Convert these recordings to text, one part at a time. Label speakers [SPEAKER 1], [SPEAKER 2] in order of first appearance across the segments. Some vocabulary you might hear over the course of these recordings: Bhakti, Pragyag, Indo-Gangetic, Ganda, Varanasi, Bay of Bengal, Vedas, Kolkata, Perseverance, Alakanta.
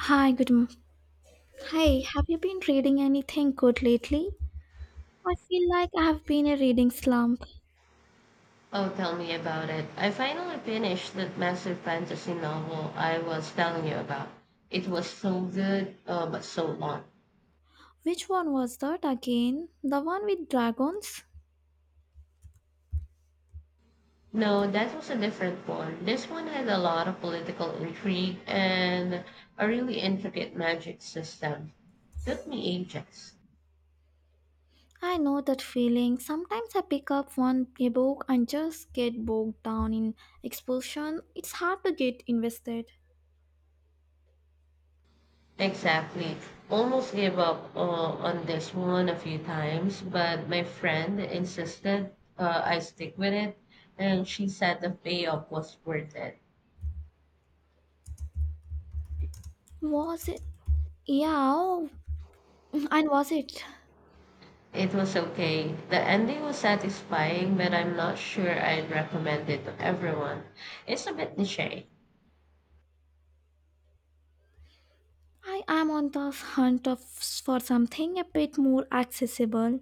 [SPEAKER 1] Hi, good. Hey, have you been reading anything good lately? I feel like I have been a reading slump.
[SPEAKER 2] Oh, tell me about it. I finally finished that massive fantasy novel I was telling you about. It was so good, but so long.
[SPEAKER 1] Which one was that again? The one with dragons?
[SPEAKER 2] No, that was a different one. This one had a lot of political intrigue and a really intricate magic system. Took me ages.
[SPEAKER 1] I know that feeling. Sometimes I pick up one book and just get bogged down in expulsion. It's hard to get invested.
[SPEAKER 2] Exactly. Almost gave up on this one a few times, but my friend insisted I stick with it, and she said the payoff was worth it.
[SPEAKER 1] Was it? Yeah, oh, and was it?
[SPEAKER 2] It was okay. The ending was satisfying, but I'm not sure I'd recommend it to everyone. It's a bit niche.
[SPEAKER 1] I am on the hunt of for something a bit more accessible.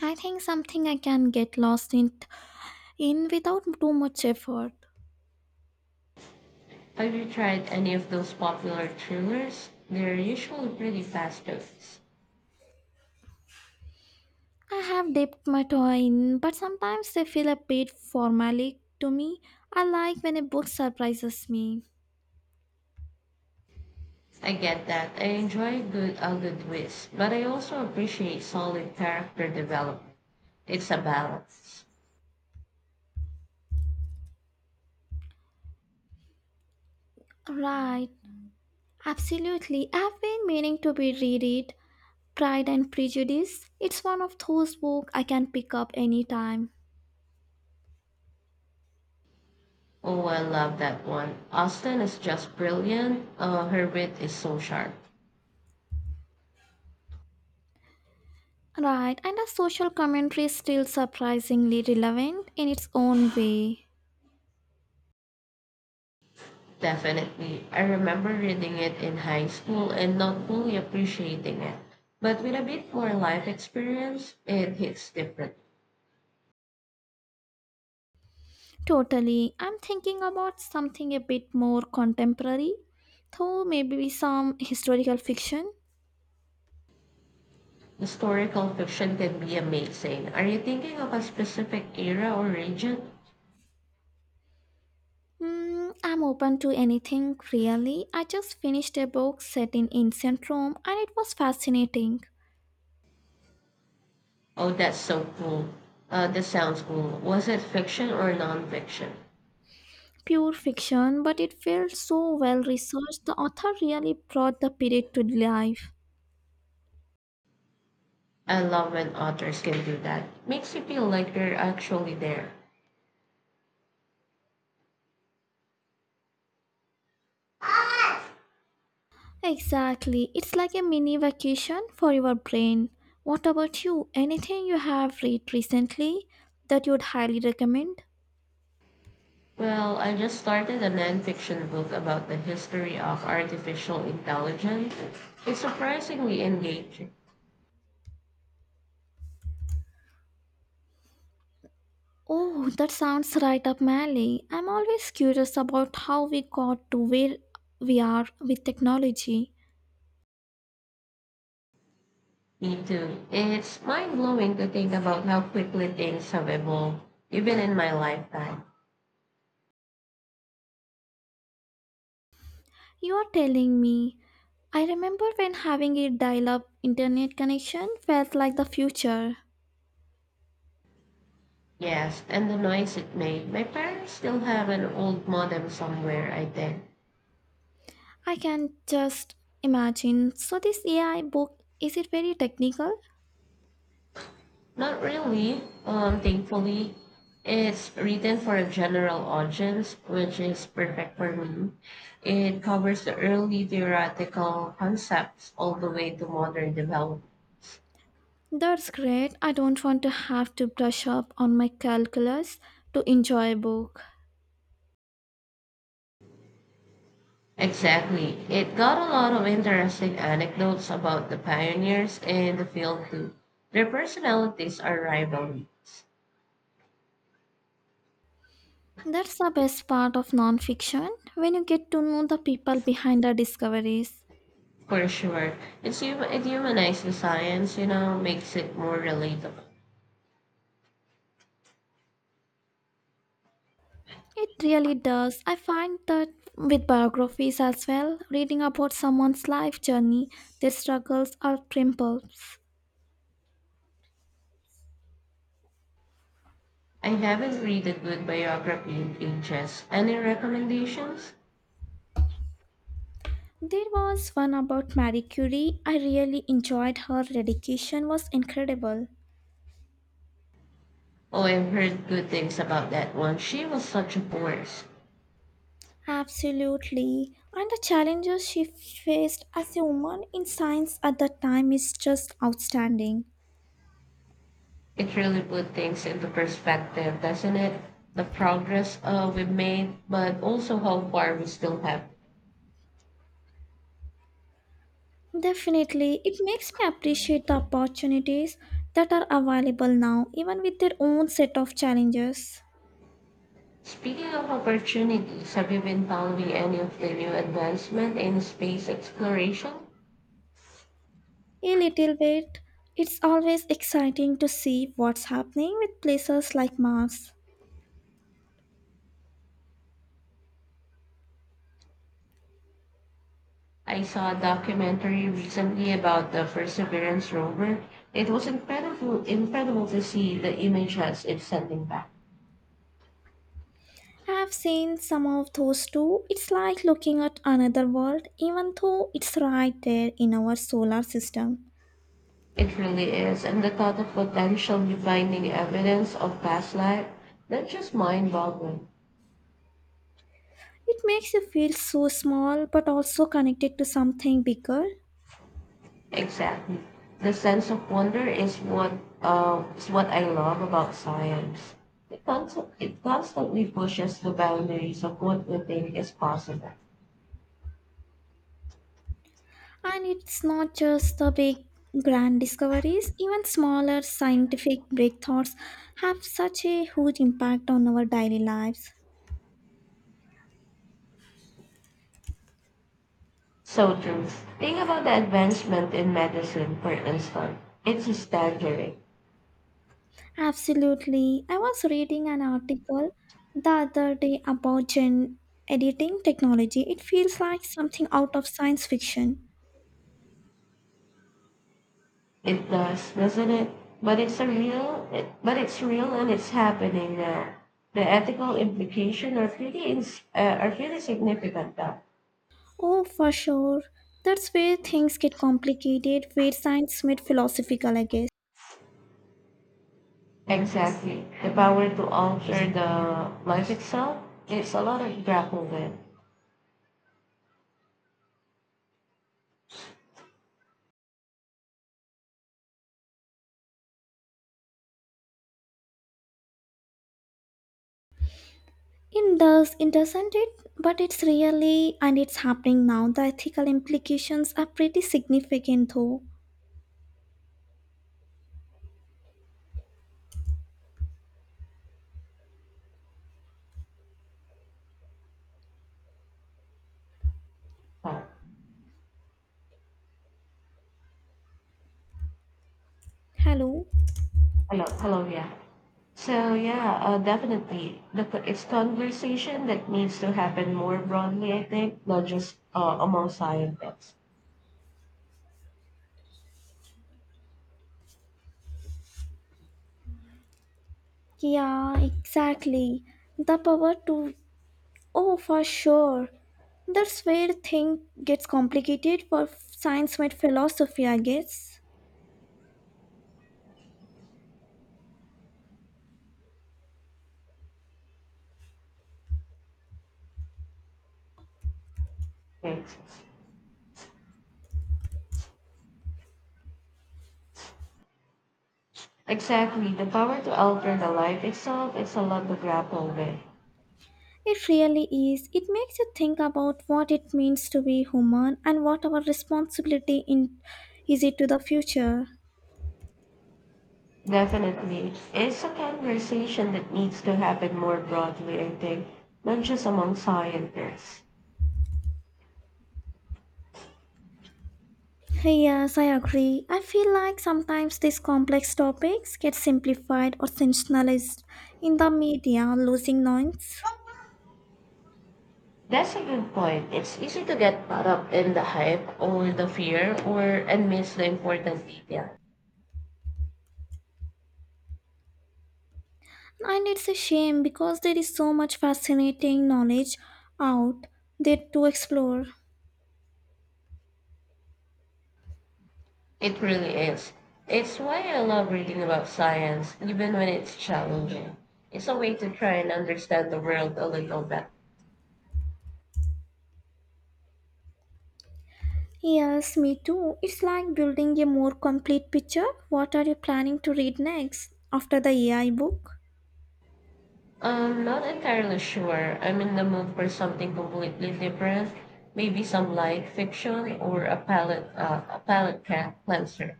[SPEAKER 1] I think something I can get lost in without too much effort.
[SPEAKER 2] Have you tried any of those popular thrillers? They're usually pretty fast paced.
[SPEAKER 1] I have dipped my toe in, but sometimes they feel a bit formalic to me. I like when a book surprises me.
[SPEAKER 2] I get that. I enjoy good a good twist, but I also appreciate solid character development. It's a balance.
[SPEAKER 1] Right, absolutely. I've been meaning to be read it. Pride and Prejudice. It's one of those books I can pick up anytime.
[SPEAKER 2] Oh, I love that one. Austin is just brilliant. Her wit is so sharp.
[SPEAKER 1] Right, and the social commentary is still surprisingly relevant in its own way.
[SPEAKER 2] Definitely. I remember reading it in high school and not fully appreciating it. But with a bit more life experience, it hits different.
[SPEAKER 1] Totally. I'm thinking about something a bit more contemporary, though maybe some historical fiction.
[SPEAKER 2] Historical fiction can be amazing. Are you thinking of a specific era or region?
[SPEAKER 1] Hmm, I'm open to anything, really. I just finished a book set in ancient Rome and it was fascinating.
[SPEAKER 2] Oh, that's so cool. That sounds cool. Was it fiction or nonfiction?
[SPEAKER 1] Pure fiction, but it felt so well researched. The author really brought the period to life.
[SPEAKER 2] I love when authors can do that. Makes you feel like you're actually there.
[SPEAKER 1] Exactly. It's like a mini vacation for your brain. What about you? Anything you have read recently that you'd highly recommend?
[SPEAKER 2] Well, I just started a nonfiction book about the history of artificial intelligence. It's surprisingly engaging.
[SPEAKER 1] Oh, that sounds right up my alley. I'm always curious about how we got to where we are with technology.
[SPEAKER 2] Me too. It's mind blowing to think about how quickly things have evolved, even in my lifetime.
[SPEAKER 1] You are telling me. I remember when having a dial up internet connection felt like the future.
[SPEAKER 2] Yes, and the noise it made. My parents still have an old modem somewhere, I think.
[SPEAKER 1] I can just imagine. So, this AI book, is it very technical?
[SPEAKER 2] Not really. Thankfully, it's written for a general audience, which is perfect for me. It covers the early theoretical concepts all the way to modern development.
[SPEAKER 1] That's great. I don't want to have to brush up on my calculus to enjoy a book.
[SPEAKER 2] Exactly. It got a lot of interesting anecdotes about the pioneers in the field too. Their personalities are rivalries,
[SPEAKER 1] That's the best part of nonfiction when you get to know the people behind the discoveries.
[SPEAKER 2] for sure. It humanizes the science, you know, makes it more relatable.
[SPEAKER 1] It really does. I find that with biographies as well, reading about someone's life journey, their struggles, or triumphs.
[SPEAKER 2] I haven't read a good biography in ages. Any recommendations?
[SPEAKER 1] There was one about Marie Curie. I really enjoyed her dedication was incredible.
[SPEAKER 2] Oh, I've heard good things about that one. She was such a force.
[SPEAKER 1] Absolutely. And the challenges she faced as a woman in science at that time is just outstanding.
[SPEAKER 2] It really put things into perspective, doesn't it? The progress we've made, but also how far we still have.
[SPEAKER 1] Definitely, it makes me appreciate the opportunities that are available now, even with their own set of challenges.
[SPEAKER 2] Speaking of opportunities, have you been following any of the new advancement in space exploration?
[SPEAKER 1] A little bit, it's always exciting to see what's happening with places like Mars.
[SPEAKER 2] I saw a documentary recently about the Perseverance rover. It was incredible, incredible to see the images it's sending back.
[SPEAKER 1] I've seen some of those too. It's like looking at another world, even though it's right there in our solar system.
[SPEAKER 2] It really is, and the thought of potentially finding evidence of past life, that's just mind-boggling.
[SPEAKER 1] It makes you feel so small but also connected to something bigger.
[SPEAKER 2] Exactly, the sense of wonder is what I love about science. It constantly pushes the boundaries of what we think is possible.
[SPEAKER 1] And it's not just the big grand discoveries, even smaller scientific breakthroughs have such a huge impact on our daily lives.
[SPEAKER 2] So true. Think about the advancement in medicine, for instance. It's staggering.
[SPEAKER 1] Absolutely. I was reading an article the other day about gen editing technology. It feels like something out of science fiction.
[SPEAKER 2] It does, doesn't it? But it's real and it's happening now. The ethical implications are are really significant though.
[SPEAKER 1] Oh, for sure. That's where things get complicated, where science meets philosophical, I guess.
[SPEAKER 2] Exactly. The power to alter the life itself, it's a lot of grapple with.
[SPEAKER 1] It does, it doesn't it? But it's really, and it's happening now. The ethical implications are pretty significant, though.
[SPEAKER 2] Oh,
[SPEAKER 1] Hello?
[SPEAKER 2] hello, hello, yeah. So yeah, definitely. It's conversation that needs to happen more broadly, I think, not just among scientists.
[SPEAKER 1] Yeah, exactly. The power to. Oh, for sure. That's where thing gets complicated for science and philosophy, I guess.
[SPEAKER 2] Right. Exactly. The power to alter the life itself is a lot to grapple with.
[SPEAKER 1] It really is. It makes you think about what it means to be human and what our responsibility in is it to the future.
[SPEAKER 2] Definitely. It's a conversation that needs to happen more broadly, I think, not just among scientists.
[SPEAKER 1] Hey, yes, I agree. I feel like sometimes these complex topics get simplified or sensationalized in the media, losing nuance.
[SPEAKER 2] That's a good point. It's easy to get caught up in the hype or the fear or and miss the important details.
[SPEAKER 1] And it's a shame because there is so much fascinating knowledge out there to explore.
[SPEAKER 2] It really is. It's why I love reading about science, even when it's challenging. It's a way to try and understand the world a little better.
[SPEAKER 1] Yes, me too. It's like building a more complete picture. What are you planning to read next after the AI book?
[SPEAKER 2] I'm not entirely sure. I'm in the mood for something completely different. Maybe some light fiction or a palette cleanser.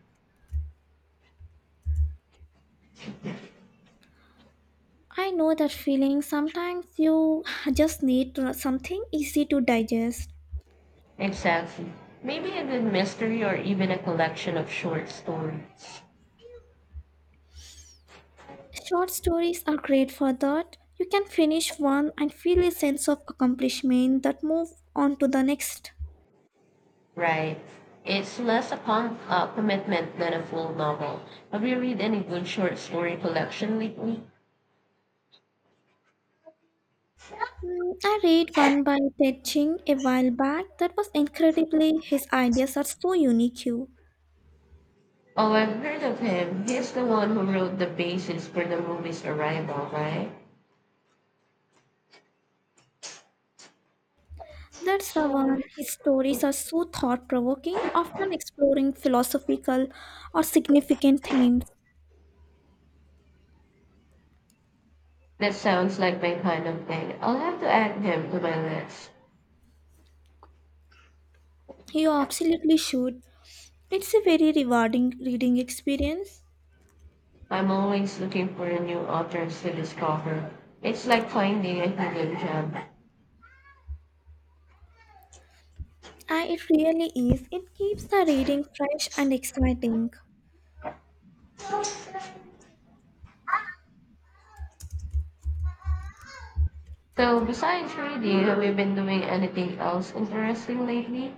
[SPEAKER 1] I know that feeling. Sometimes you just need something easy to digest.
[SPEAKER 2] Exactly. Maybe a good mystery or even a collection of short stories.
[SPEAKER 1] Short stories are great for that. You can finish one and feel a sense of accomplishment that move on to the next.
[SPEAKER 2] Right. It's less upon commitment than a full novel. Have you read any good short story collection lately?
[SPEAKER 1] Mm, I read one by Ted Ching a while back that was incredibly his ideas are so unique. You.
[SPEAKER 2] Oh, I've heard of him. He's the one who wrote the basis for the movie's arrival, right?
[SPEAKER 1] That's the one. His stories are so thought provoking, often exploring philosophical or significant themes.
[SPEAKER 2] That sounds like my kind of thing. I'll have to add him to my list.
[SPEAKER 1] You absolutely should. It's a very rewarding reading experience.
[SPEAKER 2] I'm always looking for new authors to discover. It's like finding a hidden gem.
[SPEAKER 1] It really is. It keeps the reading fresh and exciting.
[SPEAKER 2] So, besides reading, have you been doing anything else interesting lately?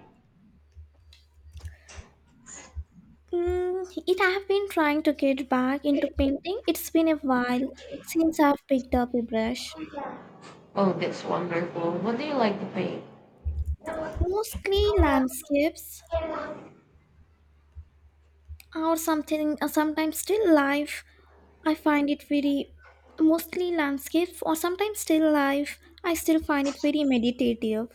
[SPEAKER 1] Mm, it I've been trying to get back into painting. It's been a while since I've picked up a brush.
[SPEAKER 2] Oh, that's wonderful. What do you like to paint?
[SPEAKER 1] Mostly landscapes or something, or sometimes still life. I find it very Mostly landscapes or sometimes still life. I still find it very meditative.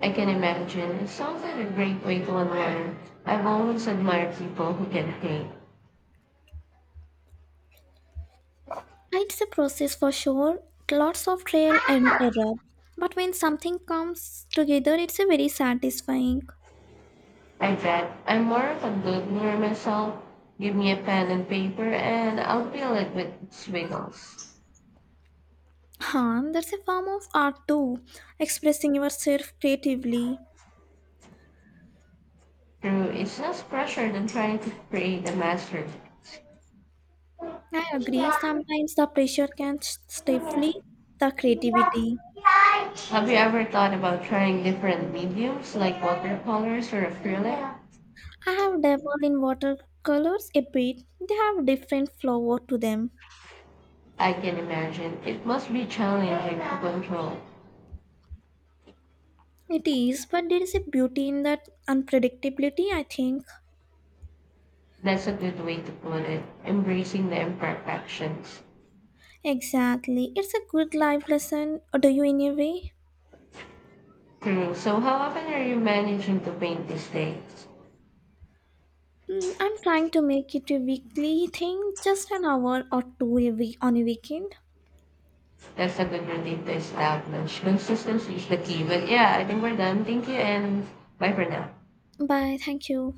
[SPEAKER 2] I can imagine. It sounds like a great way to unwind. I've always admired people who can paint.
[SPEAKER 1] It's a process for sure, lots of trial and error. But when something comes together, it's a very satisfying.
[SPEAKER 2] I bet I'm more of a doodler myself. Give me a pen and paper, and I'll fill it with squiggles.
[SPEAKER 1] Huh, that's a form of art too, expressing yourself creatively.
[SPEAKER 2] True, it's less pressure than trying to create a masterpiece.
[SPEAKER 1] I agree, sometimes the pressure can stifle the creativity.
[SPEAKER 2] Have you ever thought about trying different mediums like watercolors or acrylic?
[SPEAKER 1] I have dabbled in watercolors a bit, they have different flavor to them.
[SPEAKER 2] I can imagine. It must be challenging to control.
[SPEAKER 1] It is, but there is a beauty in that unpredictability, I think.
[SPEAKER 2] That's a good way to put it. Embracing the imperfections.
[SPEAKER 1] Exactly, it's a good life lesson, do you in a way?
[SPEAKER 2] True. So, how often are you managing to paint these days?
[SPEAKER 1] Hmm, I'm trying to make it a weekly thing, just an hour or two a week on a weekend.
[SPEAKER 2] That's a good routine to establish. Consistency is the key. But yeah, I think we're done. Thank you and bye for now.
[SPEAKER 1] Bye, thank you.